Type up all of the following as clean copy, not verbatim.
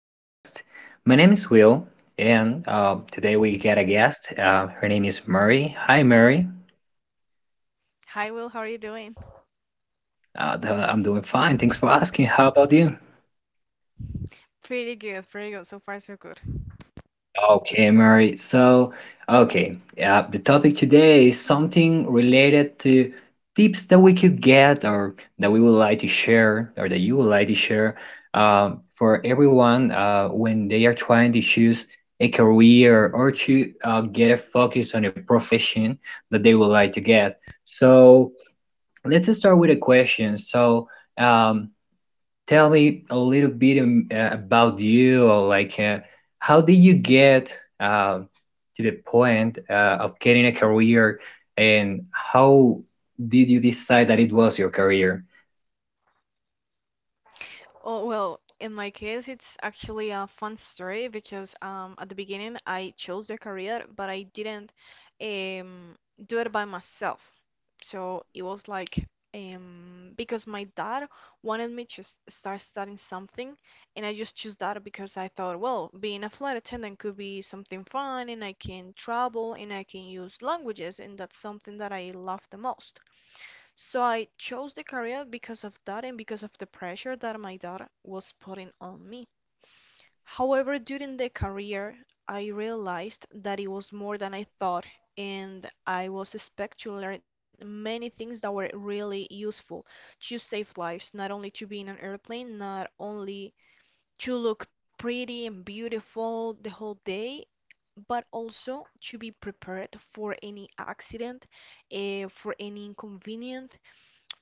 podcast. My name is Will, and today we got a guest. Her name is Mary. Hi, Mary. Hi, Will. How are you doing? I'm doing fine. Thanks for asking. How about you? Pretty good, pretty good. So far, so good. Okay, Mary. The topic today is something related to tips that we could get or that we would like to share or that you would like to share for everyone when they are trying to choose a career or to get a focus on a profession that they would like to get. So, let's start with a question. Um, tell me a little bit about you or like how did you get to the point of getting a career and how did you decide that it was your career? Oh, well, in my case, it's actually a fun story because at the beginning I chose the career, but I didn't um, do it by myself. So it was like because my dad wanted me to start studying something, and I just chose that because I thought, well, being a flight attendant could be something fun, and I can travel, and I can use languages, and that's something that I love the most. So I chose the career because of that and because of the pressure that my dad was putting on me. However, during the career, I realized that it was more than I thought, and I was expected to learn many things that were really useful to save lives, not only to be in an airplane, not only to look pretty and beautiful the whole day, but also to be prepared for any accident, for any inconvenience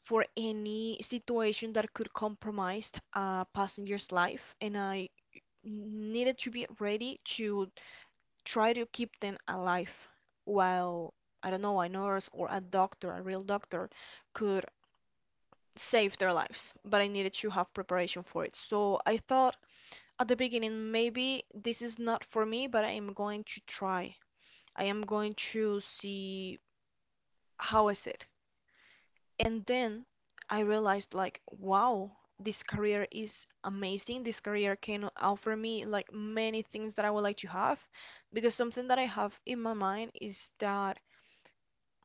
for any situation that could compromise a passenger's life, and I needed to be ready to try to keep them alive while I don't know, a nurse or a doctor, a real doctor, could save their lives. But I needed to have preparation for it. So I thought at the beginning, maybe this is not for me, but I am going to try. I am going to see how is it. And then I realized like, wow, this career is amazing. This career can offer me like many things that I would like to have, because something that I have in my mind is that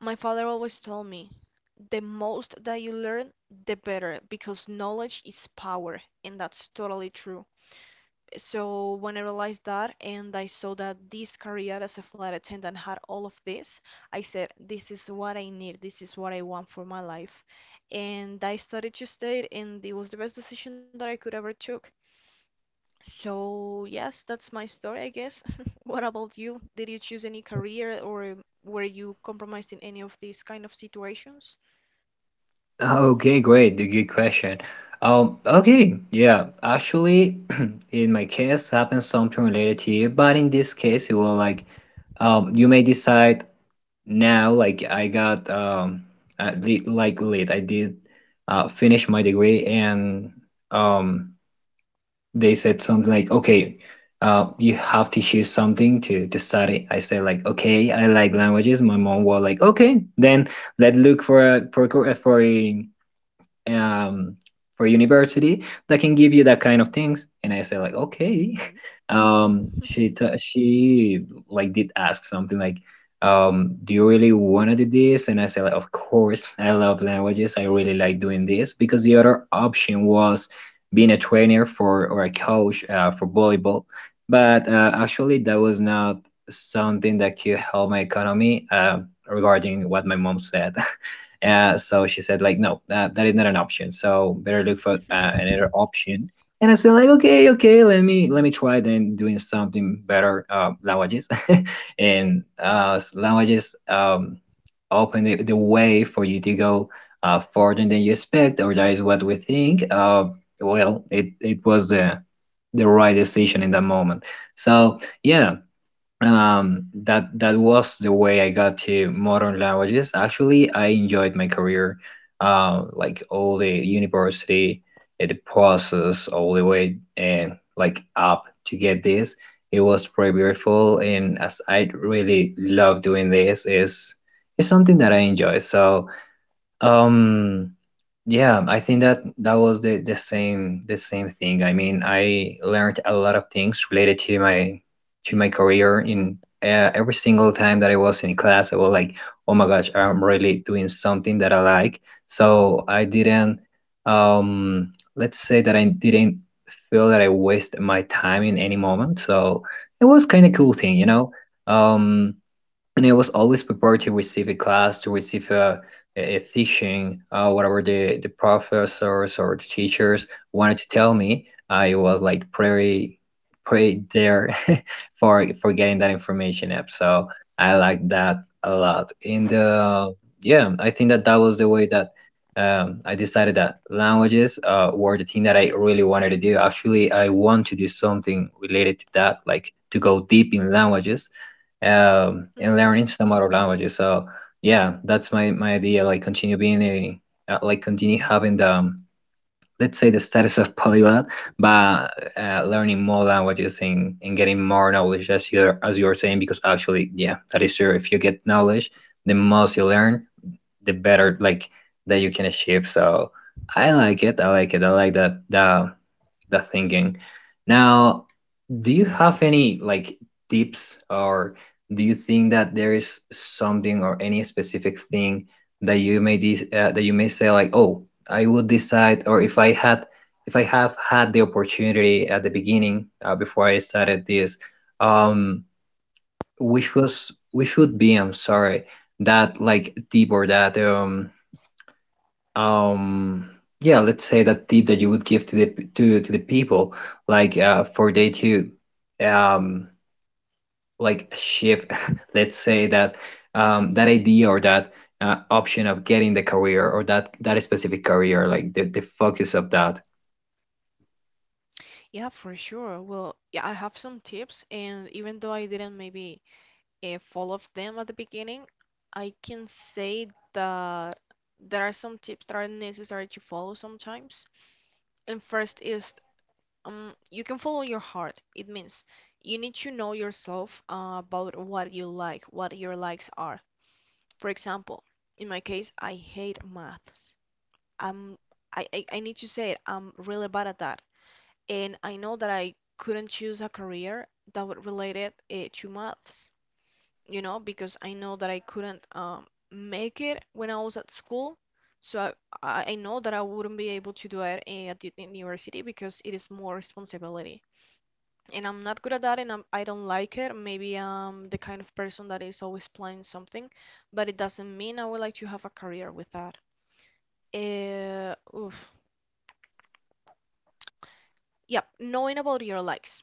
my father always told me the most that you learn the better, because knowledge is power and that's totally true. So when I realized that and I saw that this career as a flight attendant had all of this, I said, this is what I need, this is what I want for my life. And I started to stay and it was the best decision that I could ever took. So yes, that's my story, I guess. What about you? Did you choose any career or were you compromised in any of these kind of situations? Okay, great. The Good question. Okay, yeah. Actually, in my case, happened something related to you, but in this case, it was like you may decide now. Like I got like late. I did finish my degree, and um, they said something like, okay, you have to choose something to study. I said like, okay, I like languages. My mom was like, okay, then let's look for a um, for university that can give you that kind of things. And I said like, okay. Mhm. She like did ask something like, do you really want to do this? And I said like, of course, I love languages. I really like doing this because the other option was being a trainer for or a coach for volleyball, but actually that was not something that could help my economy. Regarding what my mom said. So she said like, no, that is not an option. So better look for another Mhm. option. And I said like, okay, okay, let me try then doing something better languages, and languages open the way for you to go further than you expect, or that is what we think. Well, it was the right decision in that moment. So yeah, that was the way I got to modern languages. Actually, I enjoyed my career, like all the university, the process all the way and like up to get this. It was pretty beautiful, and as I really love doing this, is it's something that I enjoy. So um yeah, I think that that was the same thing. I mean, I learned a lot of things related to my career in, every single time that I was in class, I was like, "Oh my gosh, I'm really doing something that I like." So I didn't let's say that I didn't feel that I waste my time in any moment. So it was kind of cool thing, Um and I was always prepared to receive a class, to receive a teaching, whatever the professors or the teachers wanted to tell me. I was like pretty, pretty there for getting that information up. So I like that a lot. And yeah, I think that that was the way that, I decided that languages were the thing that I really wanted to do. Actually, I want to do something related to that, like to go deep in languages and Mhm. learning some other languages. So yeah, that's my my idea. Like continue being a like continue having the let's say the status of polyglot, but learning more languages and getting more knowledge as you were saying. Because actually, yeah, that is true. If you get knowledge, the most you learn, the better, like that you can achieve. So I like it. I like it. I like that the thinking. Now do you have any like tips, or do you think that there is something or any specific thing that that you may say like, "Oh, I would decide," or if I had if I have had the opportunity at the beginning before I started this, um, which was which would be, I'm sorry, that like tip or that um yeah, let's say that tip that you would give to the to the people like for they to um like shift let's say that that idea or that option of getting the career or that that specific career like the focus of that. Yeah, for sure. Well, yeah, I have some tips, and even though I didn't maybe follow them at the beginning, I can say that there are some tips that are necessary to follow sometimes. And first is, you can follow your heart. It means you need to know yourself about what you like, what your likes are. For example, in my case, I hate maths. I'm I need to say it, I'm really bad at that and I know that I couldn't choose a career that would relate it to maths, you know, because I know that I couldn't make it when I was at school. So I know that I wouldn't be able to do it at the university because it is more responsibility. And I'm not good at that and I don't like it. Maybe I'm the kind of person that is always planning something, but it doesn't mean I would like to have a career with that. Oof. Yep, knowing about your likes.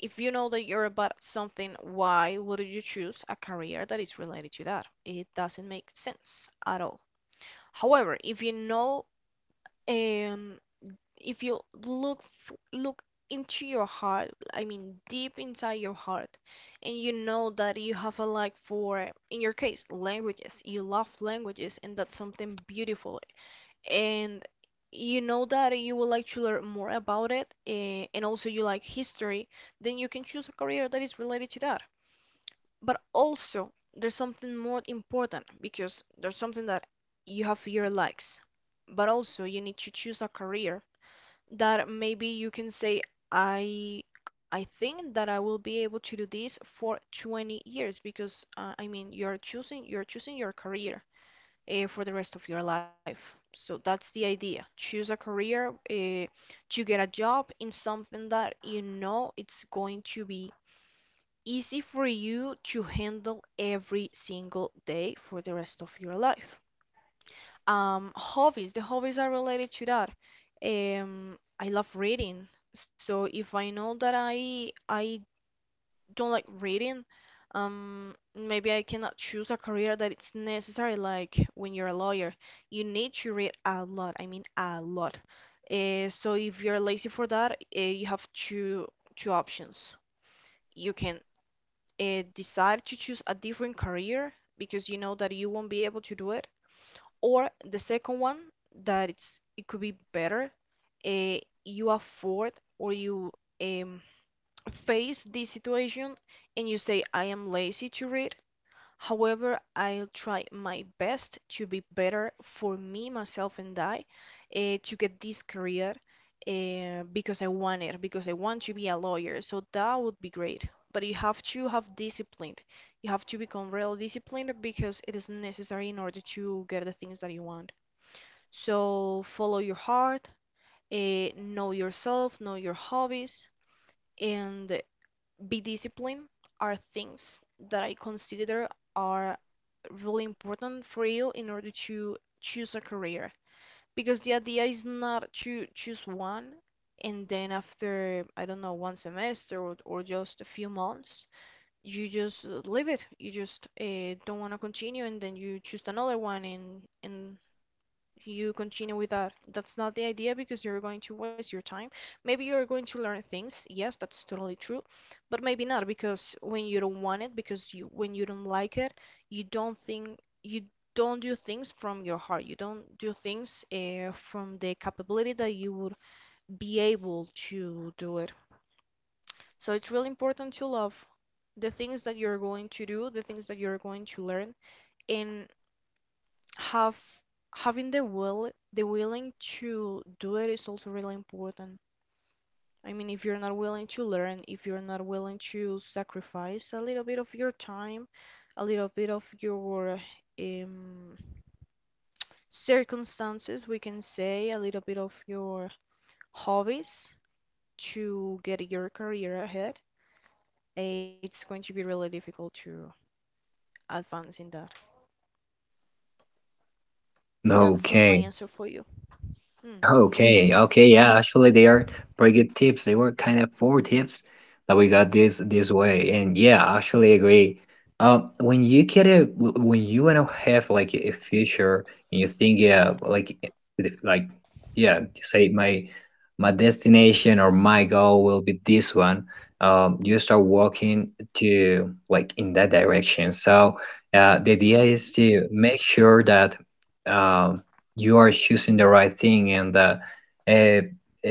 If you know that you're about something, why would you choose a career that is related to that? It doesn't make sense at all. However, if you know, um, if you look look into your heart, I mean deep inside your heart, and you know that you have a like for, in your case, languages. You love languages, and that's something beautiful, and you know that you would like to learn more about it, and also you like history, then you can choose a career that is related to that. But also, there's something more important, because there's something that you have your likes. But also, you need to choose a career that maybe you can say, I I think that I will be able to do this for 20 years, because I mean, you're choosing your career for the rest of your life. So that's the idea. Choose a career, you get a job in something that you know it's going to be easy for you to handle every single day for the rest of your life. Hobbies, the hobbies are related to that. I love reading. So if I know that I don't like reading, maybe I cannot choose a career that it's necessary. Like when you're a lawyer, you need to read a lot. I mean, a lot. So if you're lazy for that, you have two options. You can decide to choose a different career because you know that you won't be able to do it, or the second one that it's it could be better. Uh, you afford or you um face this situation and you say, I am lazy to read. However, I'll try my best to be better for me, myself, and I to get this career, because I want it, because I want to be a lawyer. So that would be great. But you have to have discipline. You have to become real disciplined because it is necessary in order to get the things that you want. So follow your heart, know yourself, know your hobbies, and be disciplined are things that I consider are really important for you in order to choose a career. Because the idea is not to choose one and then after, I don't know, one semester or just a few months, you just leave it. You just don't want to continue and then you choose another one and you continue with that. That's not the idea because you're going to waste your time. Maybe you're going to learn things. Yes, that's totally true. But maybe not, because when you don't want it, because you when you don't like it, you don't think you don't do things from your heart. You don't do things from the capability that you would be able to do it. So it's really important to love the things that you're going to do, the things that you're going to learn, and have having the will the willing to do it is also really important. I mean, if you're not willing to learn, if you're not willing to sacrifice a little bit of your time, a little bit of your um, circumstances, we can say a little bit of your hobbies to get your career ahead, it's going to be really difficult to advance in that. That's my Okay. answer for you. Mm-hmm. Okay. Yeah, actually they are pretty good tips. They were kind of four tips that we got this this way, and yeah, I actually agree. When you get a when you want to have like a future and you think, yeah, if- like yeah, you say my my destination or my goal will be this one. You start walking to like in that direction. So the idea Mm-hmm. is to make sure that um, you are choosing the right thing, and uh, uh,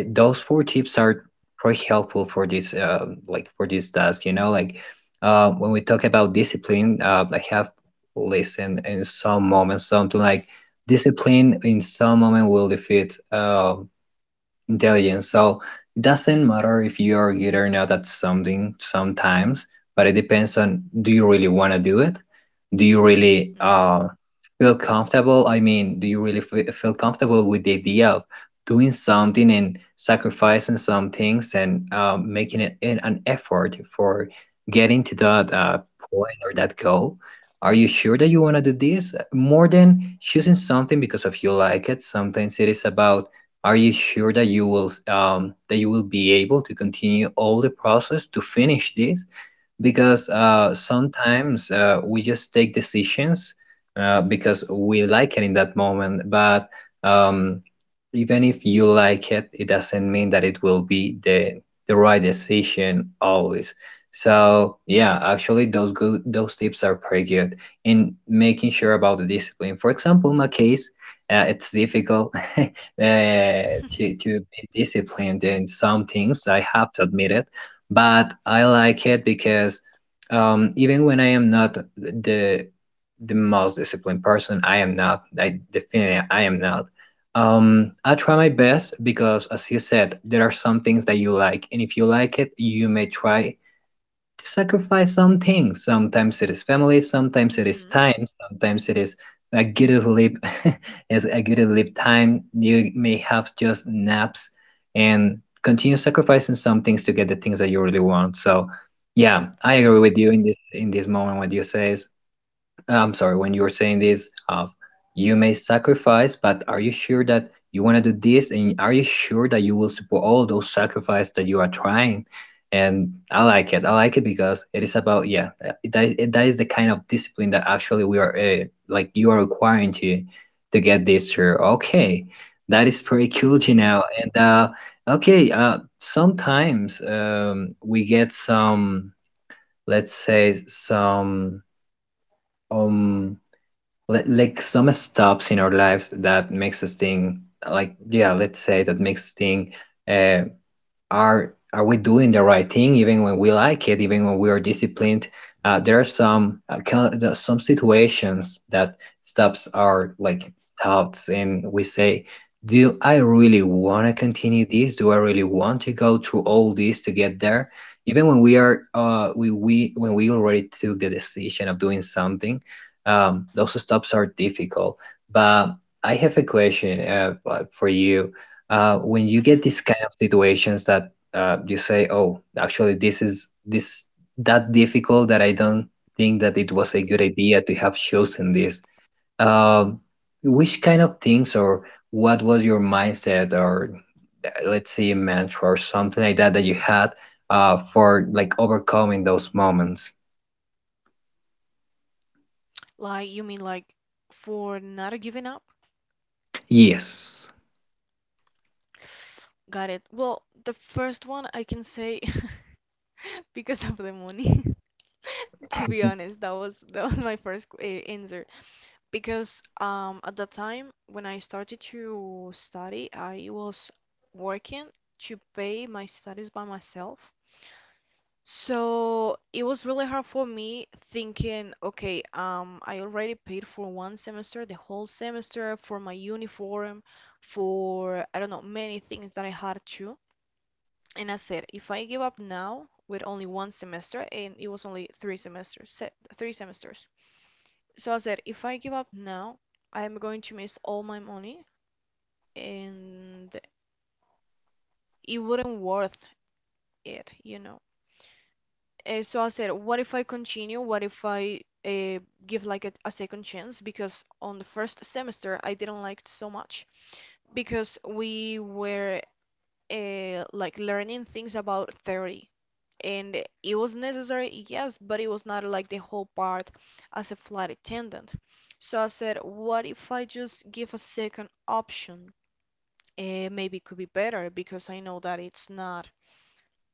those four tips are pretty helpful for this like for this task, you know. Like when we talk about discipline, I have listened in some moments something like, discipline in some moment will defeat intelligence. So it doesn't matter if you are good or not at something sometimes, but it depends on, do you really want to do it? Do you really Mm-hmm. Feel comfortable? I mean, do you really fe- feel comfortable with the idea of doing something and sacrificing some things and making it an effort for getting to that Yeah. Point or that goal? Are you sure that you want to do this? More than choosing something because of you like it, sometimes it is about, are you sure that you will be able to continue all the process to finish this? Because Mm-hmm. Sometimes we just take decisions because we like it in that moment, but um, even if you like it doesn't mean that it will be the right decision always. So yeah, actually those tips are pretty good in making sure about the discipline. For example, in my case, it's difficult to be disciplined in some things. I have to admit it, but I like it because even when I am not the most disciplined person. I am not. I definitely I am not. I try my best because, as you said, there are some things that you like, and if you like it, you may try to sacrifice some things. Sometimes it is family, sometimes it is Mm-hmm. time, sometimes it is a good sleep. Is a good sleep time. You may have just naps and continue sacrificing some things to get the things that you really want. So, yeah, I Yeah. agree with you in this moment when you says I'm sorry, when you were saying this, you may sacrifice, but are you sure that you want to do this? And are you sure that you will support all those sacrifices that you are trying? And I like it. I like it because it is about, yeah, that is the kind of discipline that actually we are, like you are requiring to get this through. Okay, that is pretty cool to know. And okay, sometimes we get some, let's say, some um like some stops in our lives that makes us think like, yeah, let's say that makes us think, uh, are we doing the right thing even when we like it, even when we are disciplined? There are some situations that stops our like thoughts, and we say, do I really want to continue this? Do I really want to go through all this to get there, even when we are we when we already took the decision of doing something? Those stops are difficult, but I have a question, like, for you, when you Mm-hmm. get these kind of situations that you say, "Oh, actually, this is that difficult that I don't think that it was a good idea to have chosen this." Um, which kind of things or what was your mindset, or let's say, a mantra or something like that that you had for like overcoming those moments? Like, you mean like for not giving up? Yes. Got it. Well, the first one I can say because of the money. To be Mhm. honest, that was my first answer, because at that time when I started to study, I was working to pay my studies by myself. So it was really hard for me thinking, okay, I already paid for one semester, the whole semester, for my uniform, for I don't know, many things that I had to. And I said, if I give up now with only one semester, and it was only three semesters, se three semesters. So I said, if I give up now, I am going to miss all my money, and it wouldn't worth it, you know. So I said, what if I continue? What if I give like a second chance? Because on the first semester I didn't like it so much because we were like learning things about theory, and it was necessary, yes, but it was not like the whole part as a flight attendant. So I said, what if I just give a second option? Maybe it could be better because I know that it's not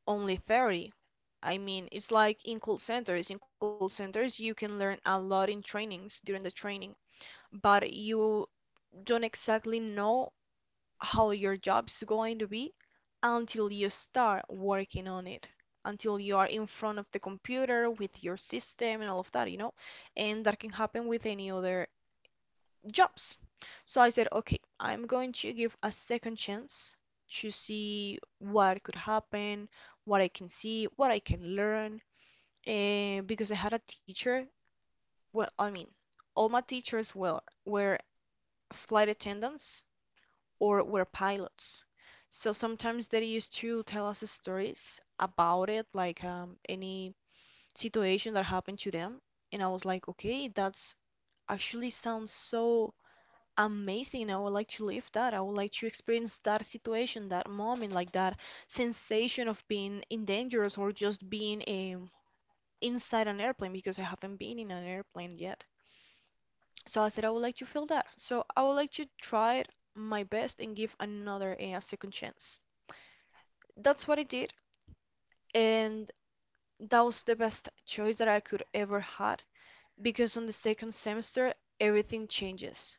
only theory. I mean, it's like in call centers. In call centers, you can learn a lot in trainings during the training, but you don't exactly know how your job's going to be until you start working on it, until you are in front of the computer with your system and all of that, you know? And that can happen with any other jobs. So I said, okay, I'm going to give a second chance to see what could happen, what I can see, what I can learn. And because I had a teacher, well, I mean, all my teachers were were flight attendants or were pilots. So sometimes they used to tell us stories about it, like any situation that happened to them. And I was like, okay, that's actually sounds so amazing, I would like to live that. I would like to experience that situation, that moment, like that sensation of being in dangerous or just being inside an airplane because I haven't been in an airplane yet. So I said I would like to feel that. So I would like to try my best and give another a second chance. That's what I did, and that was the best choice that I could ever had because on the second semester everything changes.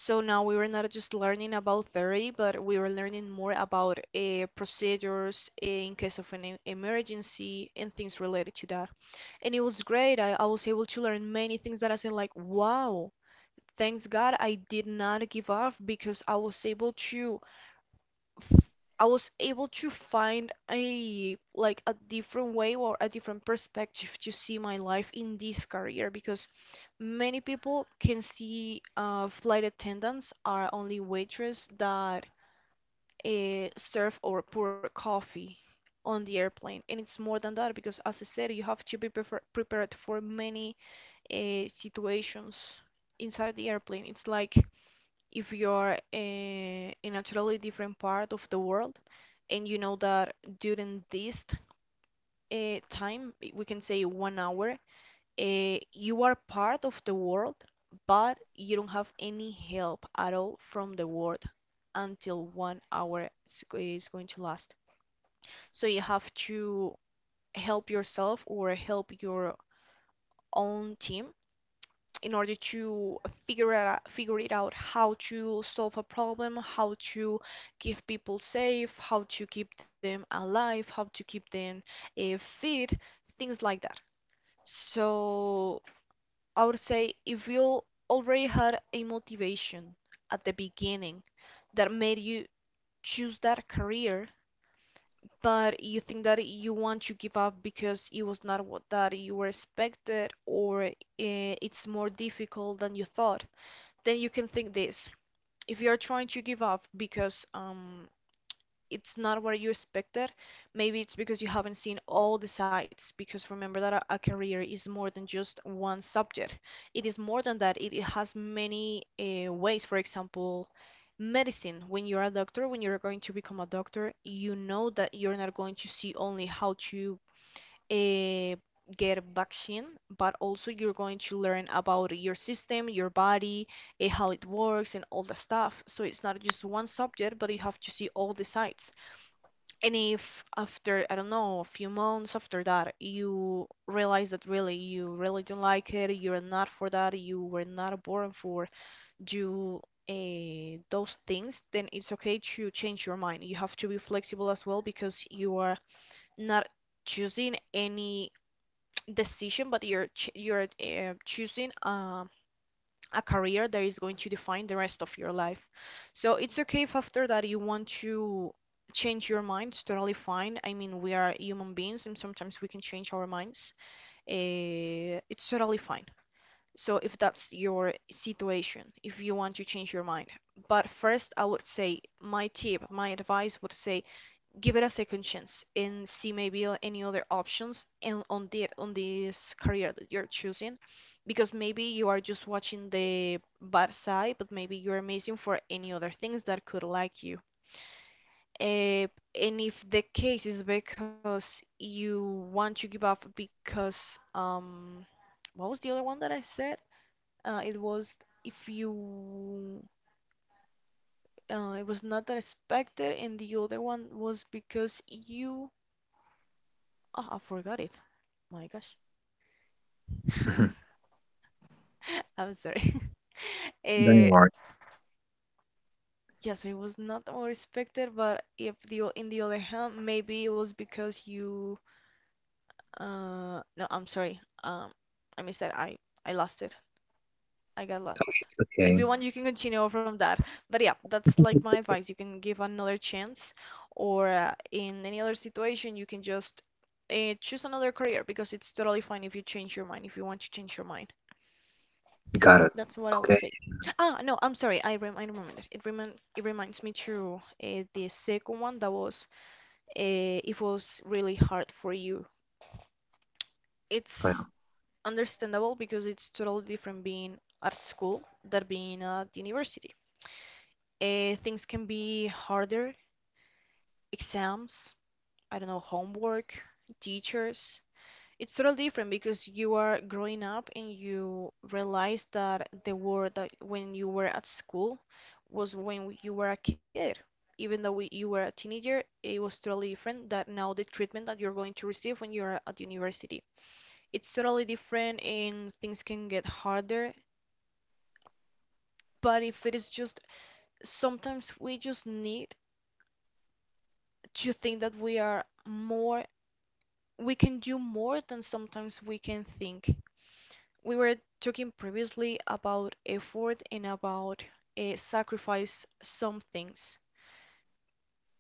So now we were not just learning about theory, but we were learning more about procedures in case of an emergency and things related to that. And it was great. I was able to learn many things that I said like, wow, thanks God I did not give up because I was able to I was able to find a like a different way or a different perspective to see my life in this career because many people can see flight attendants are only waitresses that serve or pour coffee on the airplane, and it's more than that because as I said you have to be prefer prepared for many situations inside the airplane. It's like if you're in a totally different part of the world, and you know that during this time, we can say 1 hour, you are part of the world, but you don't have any help at all from the world until 1 hour is going to last. So you have to help yourself or help your own team in order to figure it out how to solve a problem, how to keep people safe, how to keep them alive, how to keep them fit, things like that. So I would say if you already had a motivation at the beginning that made you choose that career, but you think that you want to give up because it was not what that you were expected or it's more difficult than you thought, then you can think this. If you are trying to give up because it's not what you expected, maybe it's because you haven't seen all the sides because remember that a career is more than just one subject. It is more than that. It has many ways. For example, medicine, when you're a doctor, when you're going to become a doctor, you know that you're not going to see only how to uh, get a vaccine, but also you're going to learn about your system, your body, how it works, and all the stuff. So it's not just one subject, but you have to see all the sides. And if after, I don't know, a few months after that, you realize that really you really don't like it, you're not for that, you were not born for you. Those things, then it's okay to change your mind. You have to be flexible as well because you are not choosing any decision, but you're choosing a career that is going to define the rest of your life. So it's okay if after that you want to change your mind. It's totally fine. I mean, we are human beings, and sometimes we can change our minds. It's totally fine. So if that's your situation, if you want to change your mind, but first I would say my tip, my advice would say give it a second chance and see maybe any other options and on the on this career that you're choosing because maybe you are just watching the bad side, but maybe you're amazing for any other things that could like you. uh, and if the case is because you want to give up because what was the other one that I said? It was if you it was not that expected, and the other one was because you ah I forgot it. My gosh. Mhm. I'm sorry. Don't Uh, worry. It's okay. yes, it was not what I but if the in the other hand, maybe it was because you no, I'm sorry. I missed that. I lost it. I got lost. If you Okay. want, you can It's continue from that. But yeah, that's like my it's advice. You okay. can give another chance, or in any other situation, you can just choose another career because it's totally fine if you change your mind, if you want to change your mind. Got it. That's what I would Okay, say. yeah. Ah, no, I'm sorry. I remembered. It reminds me to the second one that was it was really hard for you. It's Well, understandable because it's totally different being at school than being at university. Things can be harder, exams, I don't know, homework, teachers. It's totally different because you are growing up and you realize that the world that when you were at school was when you were a kid. Even though you were a teenager, it was totally different that now the treatment that you're going to receive when you're at university. It's totally different and things can get harder. But if it is just sometimes we just need to think that we are more, we can do more than sometimes we can think. We were talking previously about effort and about sacrifice some things.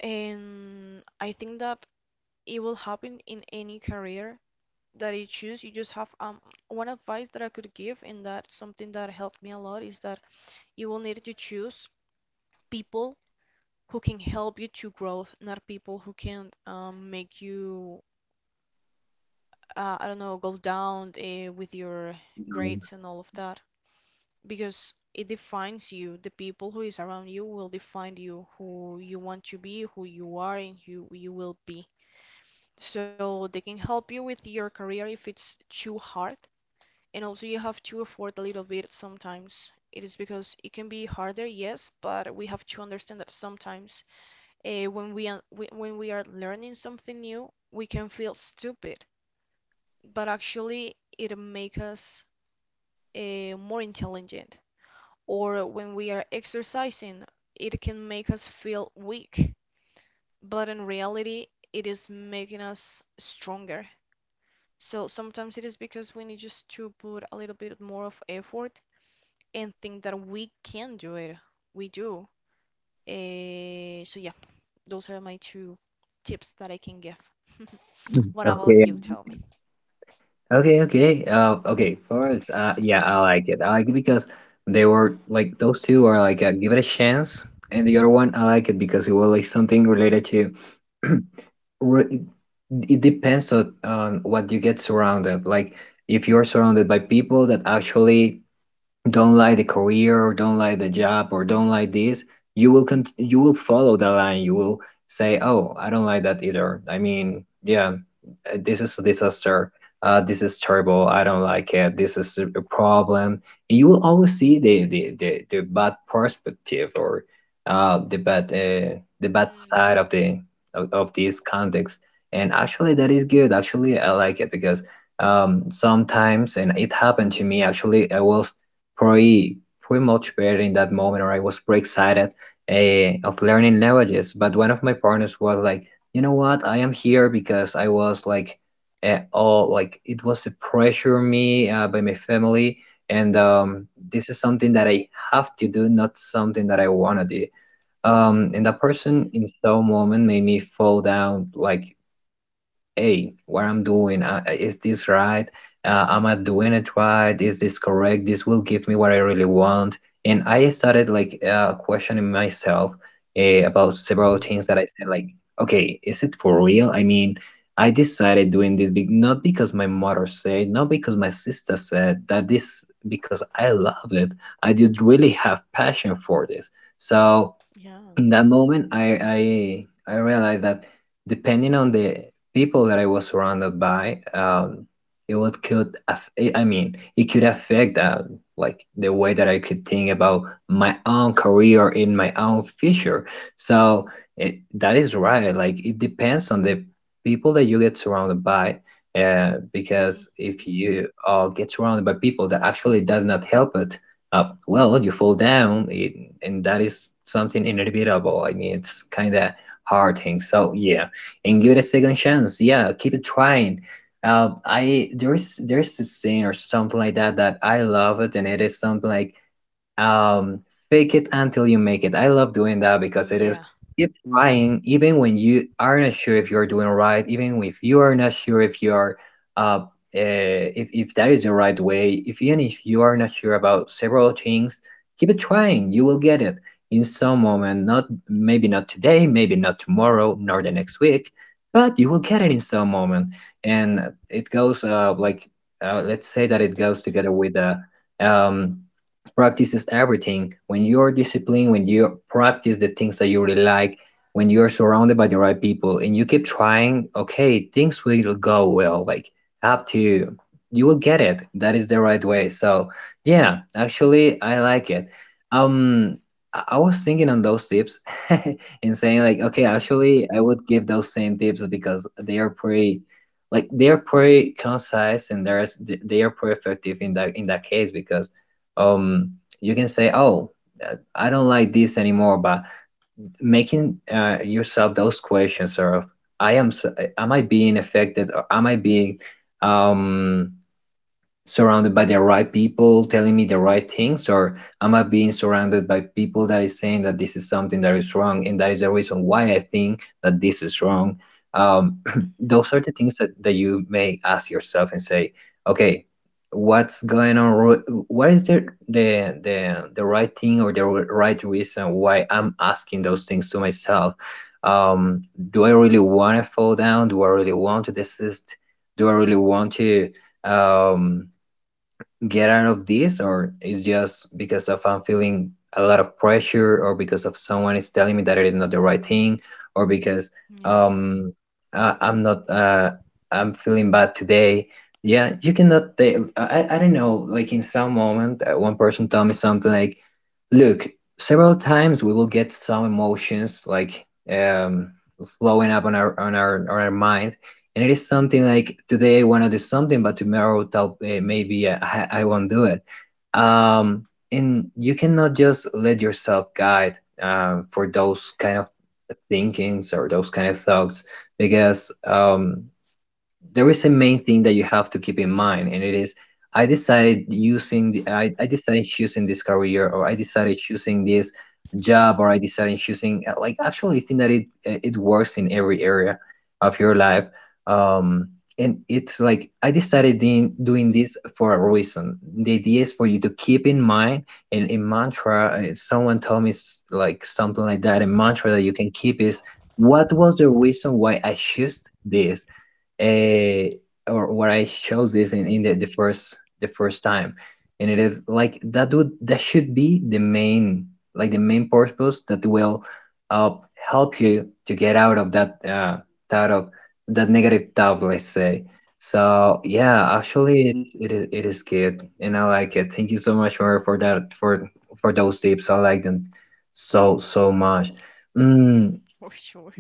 And I think that it will happen in any career that you choose. You just have one advice that I could give, and that something that helped me a lot is that you will need to choose people who can help you to grow, not people who can make you I don't know go down with your hold on. grades and all of that. Because it defines you. The people who is around you will define you, who you want to be, who you are, and who you will be. So they can help you with your career if it's too hard. And also you have to afford a little bit sometimes. It is because it can be harder, yes, but we have to understand that sometimes uh, when we, when we are learning something new, we can feel stupid, but actually it makes us more intelligent or when we are exercising, it can make us feel weak, but in reality, it is making us stronger. So sometimes it is because we need just to put a little bit more of effort and think that we can do it. We do. So yeah, those are my two tips that I can give. What about Okay, I you? like Tell me. it. Okay, okay. Okay. For us, yeah, I like it. I like it because they were like those two are like give it a chance, and the other one I like it because it was like something related to. re- It depends on, what you get surrounded. Like if you're surrounded by people that actually don't like the career or don't like the job or don't like this, you will you will follow that line. You will say, oh, I don't like that either. I mean, yeah, this is a disaster. Uh, this is terrible. I don't like it. This is a problem, and you will always see the bad perspective, or the bad, the bad Mm-hmm. side of the, of this context. And actually that is good. Actually, I like it because sometimes, and it happened to me actually, I will pretty much better in that moment, or I was pretty excited of learning languages. But one of my partners was like, you know what, I am here because I was like, all like it was a pressure on me by my family, and this is something that I have to do, not something that I wanna do. And that Mm-hmm. person in some moment made me fall down, like, hey, what I'm doing, is this right? Am I doing it right? Is this correct? This will give me what I really want. And I started like questioning myself about several things that I said, like, okay, is it for real? I mean, I decided doing this be not because my mother said, not because my sister said, that this because I love it. I did really have passion for this. So, Yeah. in that moment, I realized that, depending on the people that I was surrounded by, it would could I mean, it could affect, like, the way that I could think about my own career in my own future. So it, that is right. Like, it depends on the people that you get surrounded by. Because Hmm. if you get surrounded by people that actually does not help it, well, you fall down, it, and that is something inevitable. I mean, it's kind of hard thing. So, yeah, and give it a second chance. Yeah, keep it trying. I There's a scene or something like that that I love it, and it is something like, um fake it until you make it. I love doing that because it is Yeah. keep trying even when you are not sure if you're doing right, even if you are not sure if you're uh, uh if that is the right way, if even if you are not sure about several things, keep it trying. You will get it in some moment. Not maybe not today, maybe not tomorrow, nor the next week, but you will get it in some moment. And it goes like, let's say that it goes together with the, um practice is everything. When you're disciplined, when you practice the things that you really like, when you're surrounded by the right people, and you keep trying, okay, things will go well, like have to, you will get it. That is the right way. So, yeah, actually, I like it. um i I was thinking on those tips and saying like, okay, actually I would give those same tips because they are pretty, like, they are pretty concise, and there's they are pretty effective in that, in that case, because um you can say, oh, I don't like this anymore. But making yourself those questions of, I am s- am I being affected, or am I being, um surrounded by the right people telling me the right things, or am I being surrounded by people that is saying that this is something that is wrong, and that is the reason why I think that this is wrong? um, Hmm. those are the things that, that you may ask yourself and say, okay, what's going on? What is the right thing, or the right reason why I'm asking those things to myself? um, do I really want to fall down? Do I really want to desist? Do I really want to, um, get out of this? Or it's just because of I'm feeling a lot of pressure, or because of someone is telling me that it is not the right thing, or because, Yeah. um I, I'm not I'm feeling bad today. Yeah, you cannot take, I don't know, like, in some moment one person told me something like, look, several times we will get some emotions like, flowing up on our, on our mind, and it is something like, today I want to do something, but tomorrow tell, maybe I won't do it. And you cannot just let yourself guide, for those kind of thinkings or those kind of thoughts, because there is a main thing that you have to keep in mind, and it is, I decided using the, I decided choosing this career, or I decided choosing this job, or I decided choosing, like, actually think that it works in every area of your life. Um, and it's like, I decided in doing this for a reason. The idea is for you to keep in mind, and in mantra, someone told me like something like that. A mantra that you can keep is, what was the reason why I chose this? eh, or where I showed this in, the first time, and it is like that would, that should be the main, like, the main purpose that will, uh, help you to get out of that, thought of, that negative thought, let's say. So, yeah, Right. actually it is, it is good, and I like it. Thank you so much, Mario, for that, for those tips. I like them so much. Mm, For sure.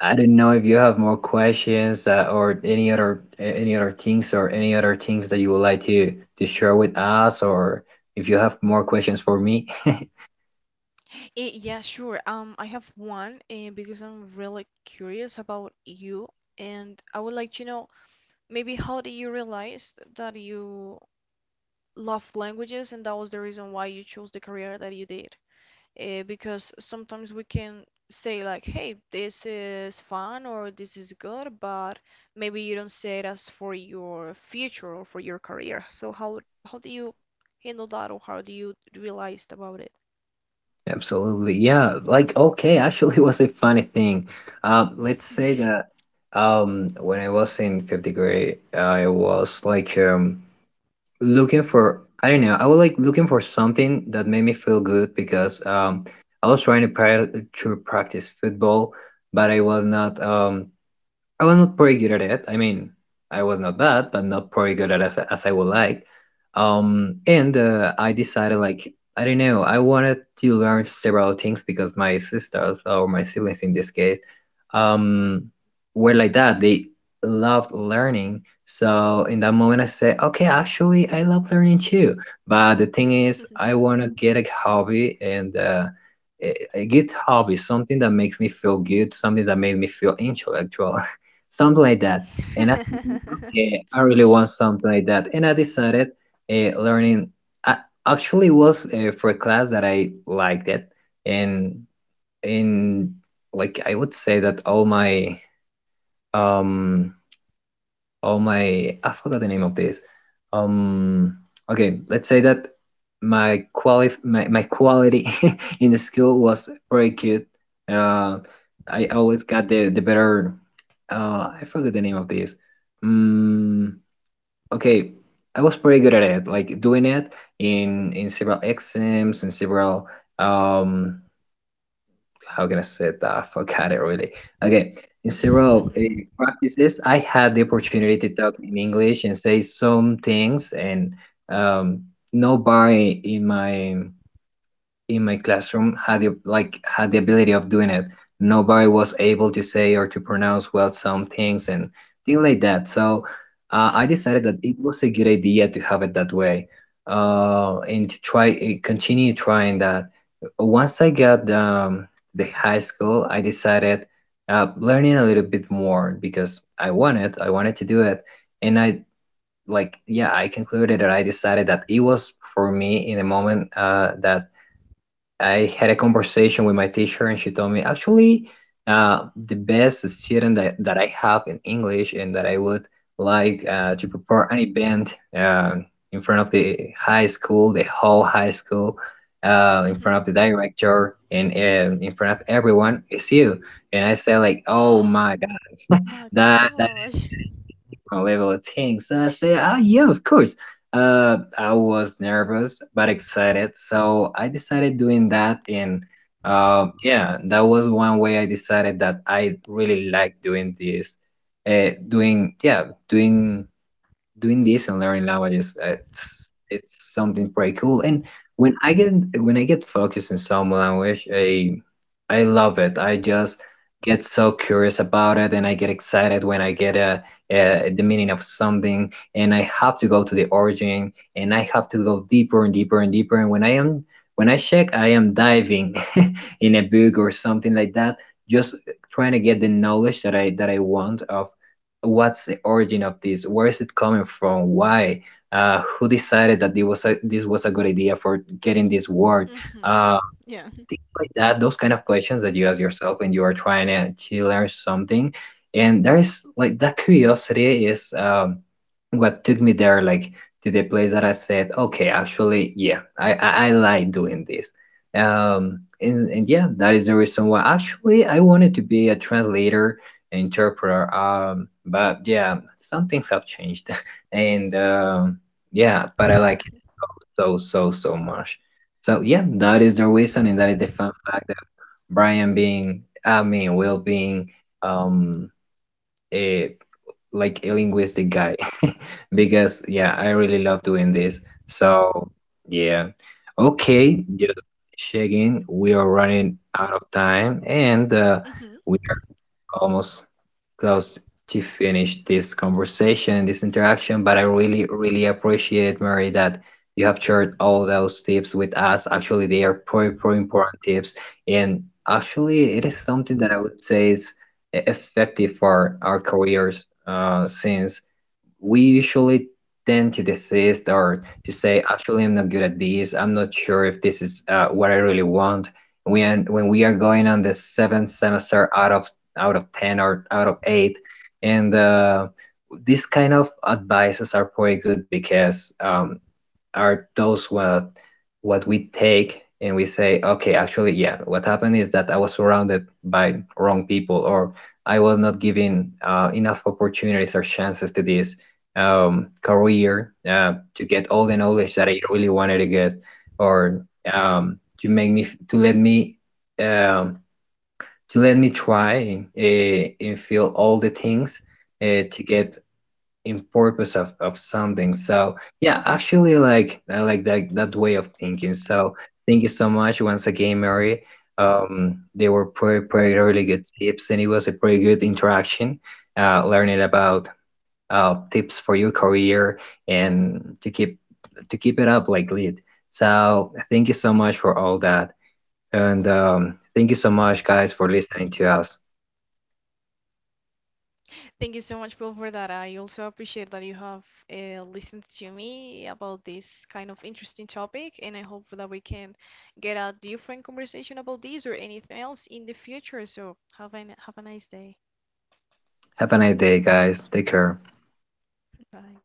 I do not know if you have more questions, or any other, things that you would like to share with us, or if you have more questions for me. Yeah, sure. I have one. Because I'm really curious about you, and I would like to know maybe how did you realize that you love languages, and that was the reason why you chose the career that you did. Because sometimes we can say like, "Hey, this is fun" or "This is good," but maybe you don't say it as for your future or for your career. So how do you handle that, or how do you realize about it? Absolutely. Yeah. Like, okay, actually it was a funny thing. Let's say that, when I was in fifth grade, I was like, looking for, I don't know, I was like looking for something that made me feel good, because I was trying to, pri to practice football, but I was not, I was not pretty good at it. I mean, I was not bad, but not pretty good at it as I would like. And I decided, like, I don't know, I wanted to learn several things because my sisters, or my siblings in this case, um, were like that. They loved learning. So in that moment, I said, okay, actually, I love learning too. But the thing is, I want to get a hobby, and a good hobby, something that makes me feel good, something that made me feel intellectual, something like that. And I said, like, okay, I really want something like that. And I decided, learning. I actually was, for a class that I liked it, and in, like, I would say that all my, um all my, I forgot the name of this. Um, okay, let's say that my my quality in the school was pretty good. Uh, I always got the better. I forgot the name of this. Um, okay, I was pretty good at it, like doing it in several exams, in several, um how can I say that? I forgot it really. Okay, in several practices, I had the opportunity to talk in English and say some things, and um, nobody in my, in my classroom had the, like, had the ability of doing it. Nobody was able to say or to pronounce well some things and things like that. So, I Mhm. decided that it was a good idea to have it that way, and to try continue trying that. Once I got, to the high school, I decided, learning a little bit more because I wanted, to do it, and I, like, yeah, I concluded that I decided that it was for me in the moment, that I had a conversation with my teacher, and she told me, actually, the best student that, that I have in English, and that I would like, to prepare an event, in front of the high school, the whole high school, in front Mhm. of the director, and in front of everyone is you. And I said like, oh Oh my God, my that that is gosh. that is a different level of things. So I said, oh yeah, of course. I was nervous but excited, so I decided doing that. And yeah, that was one way I decided that I really like doing this. Doing yeah, doing doing this and learning languages. It's something pretty cool. And when I get when I get focused in some language, I love it. I just get so curious about it, and I get excited when I get the meaning of something, and I have to go to the origin, and I have to go deeper and deeper and deeper. And when I check, I am diving in a book or something like that, just trying to get the knowledge that I want of what's the origin of this, where is it coming from, why, who decided that this was a good idea for getting this word, Mhm. um, Yeah. things like that, those kind of questions that you ask yourself when you are trying to learn something. And there's like that curiosity is, what took me there, like, to the place that I said, okay, actually, yeah, I like doing this. And yeah, that is the reason why actually I wanted to be a translator, interpreter. But yeah, some things have changed, and yeah, but I like it so, so, so, so much. So yeah, that is the reason, and that is the fun fact of brian being I mean will being um a, like, a linguistic guy. Because yeah, I really love doing this. So yeah. Okay, just checking. We are running out of time, and Mhm. we are almost close to finish this conversation and this interaction, but I really, really appreciate, Mary, that you have shared all those tips with us. Actually, they are pretty, pretty important tips. And actually, it is something that I would say is effective for our careers, since we usually tend to desist, or to say, actually, I'm not good at this. I'm not sure if this is what I really want. And we and when we are going on the seventh semester out of ten or out of eight, and these kind of advices are pretty good, because are those, what we take, and we say, okay, actually, yeah, what happened is that I was surrounded by wrong people, or I was not given enough opportunities or chances to this career, to get all the knowledge that I really wanted to get, or to make me to let me, um, to let me try, and feel all the things, to get in purpose of something. So yeah, actually, like, I like that way of thinking. So thank you so much once again, Mary. They were pretty, pretty, really good tips, and it was a pretty good interaction, learning about tips for your career, and to keep it up, like, lead. So thank you so much for all that. And thank you so much guys for listening to us. Thank you so much, Bill, for that. I also appreciate that you have listened to me about this kind of interesting topic, and I hope that we can get a different conversation about this or anything else in the future. So have a nice day. Have a nice day, guys. Take care. Bye.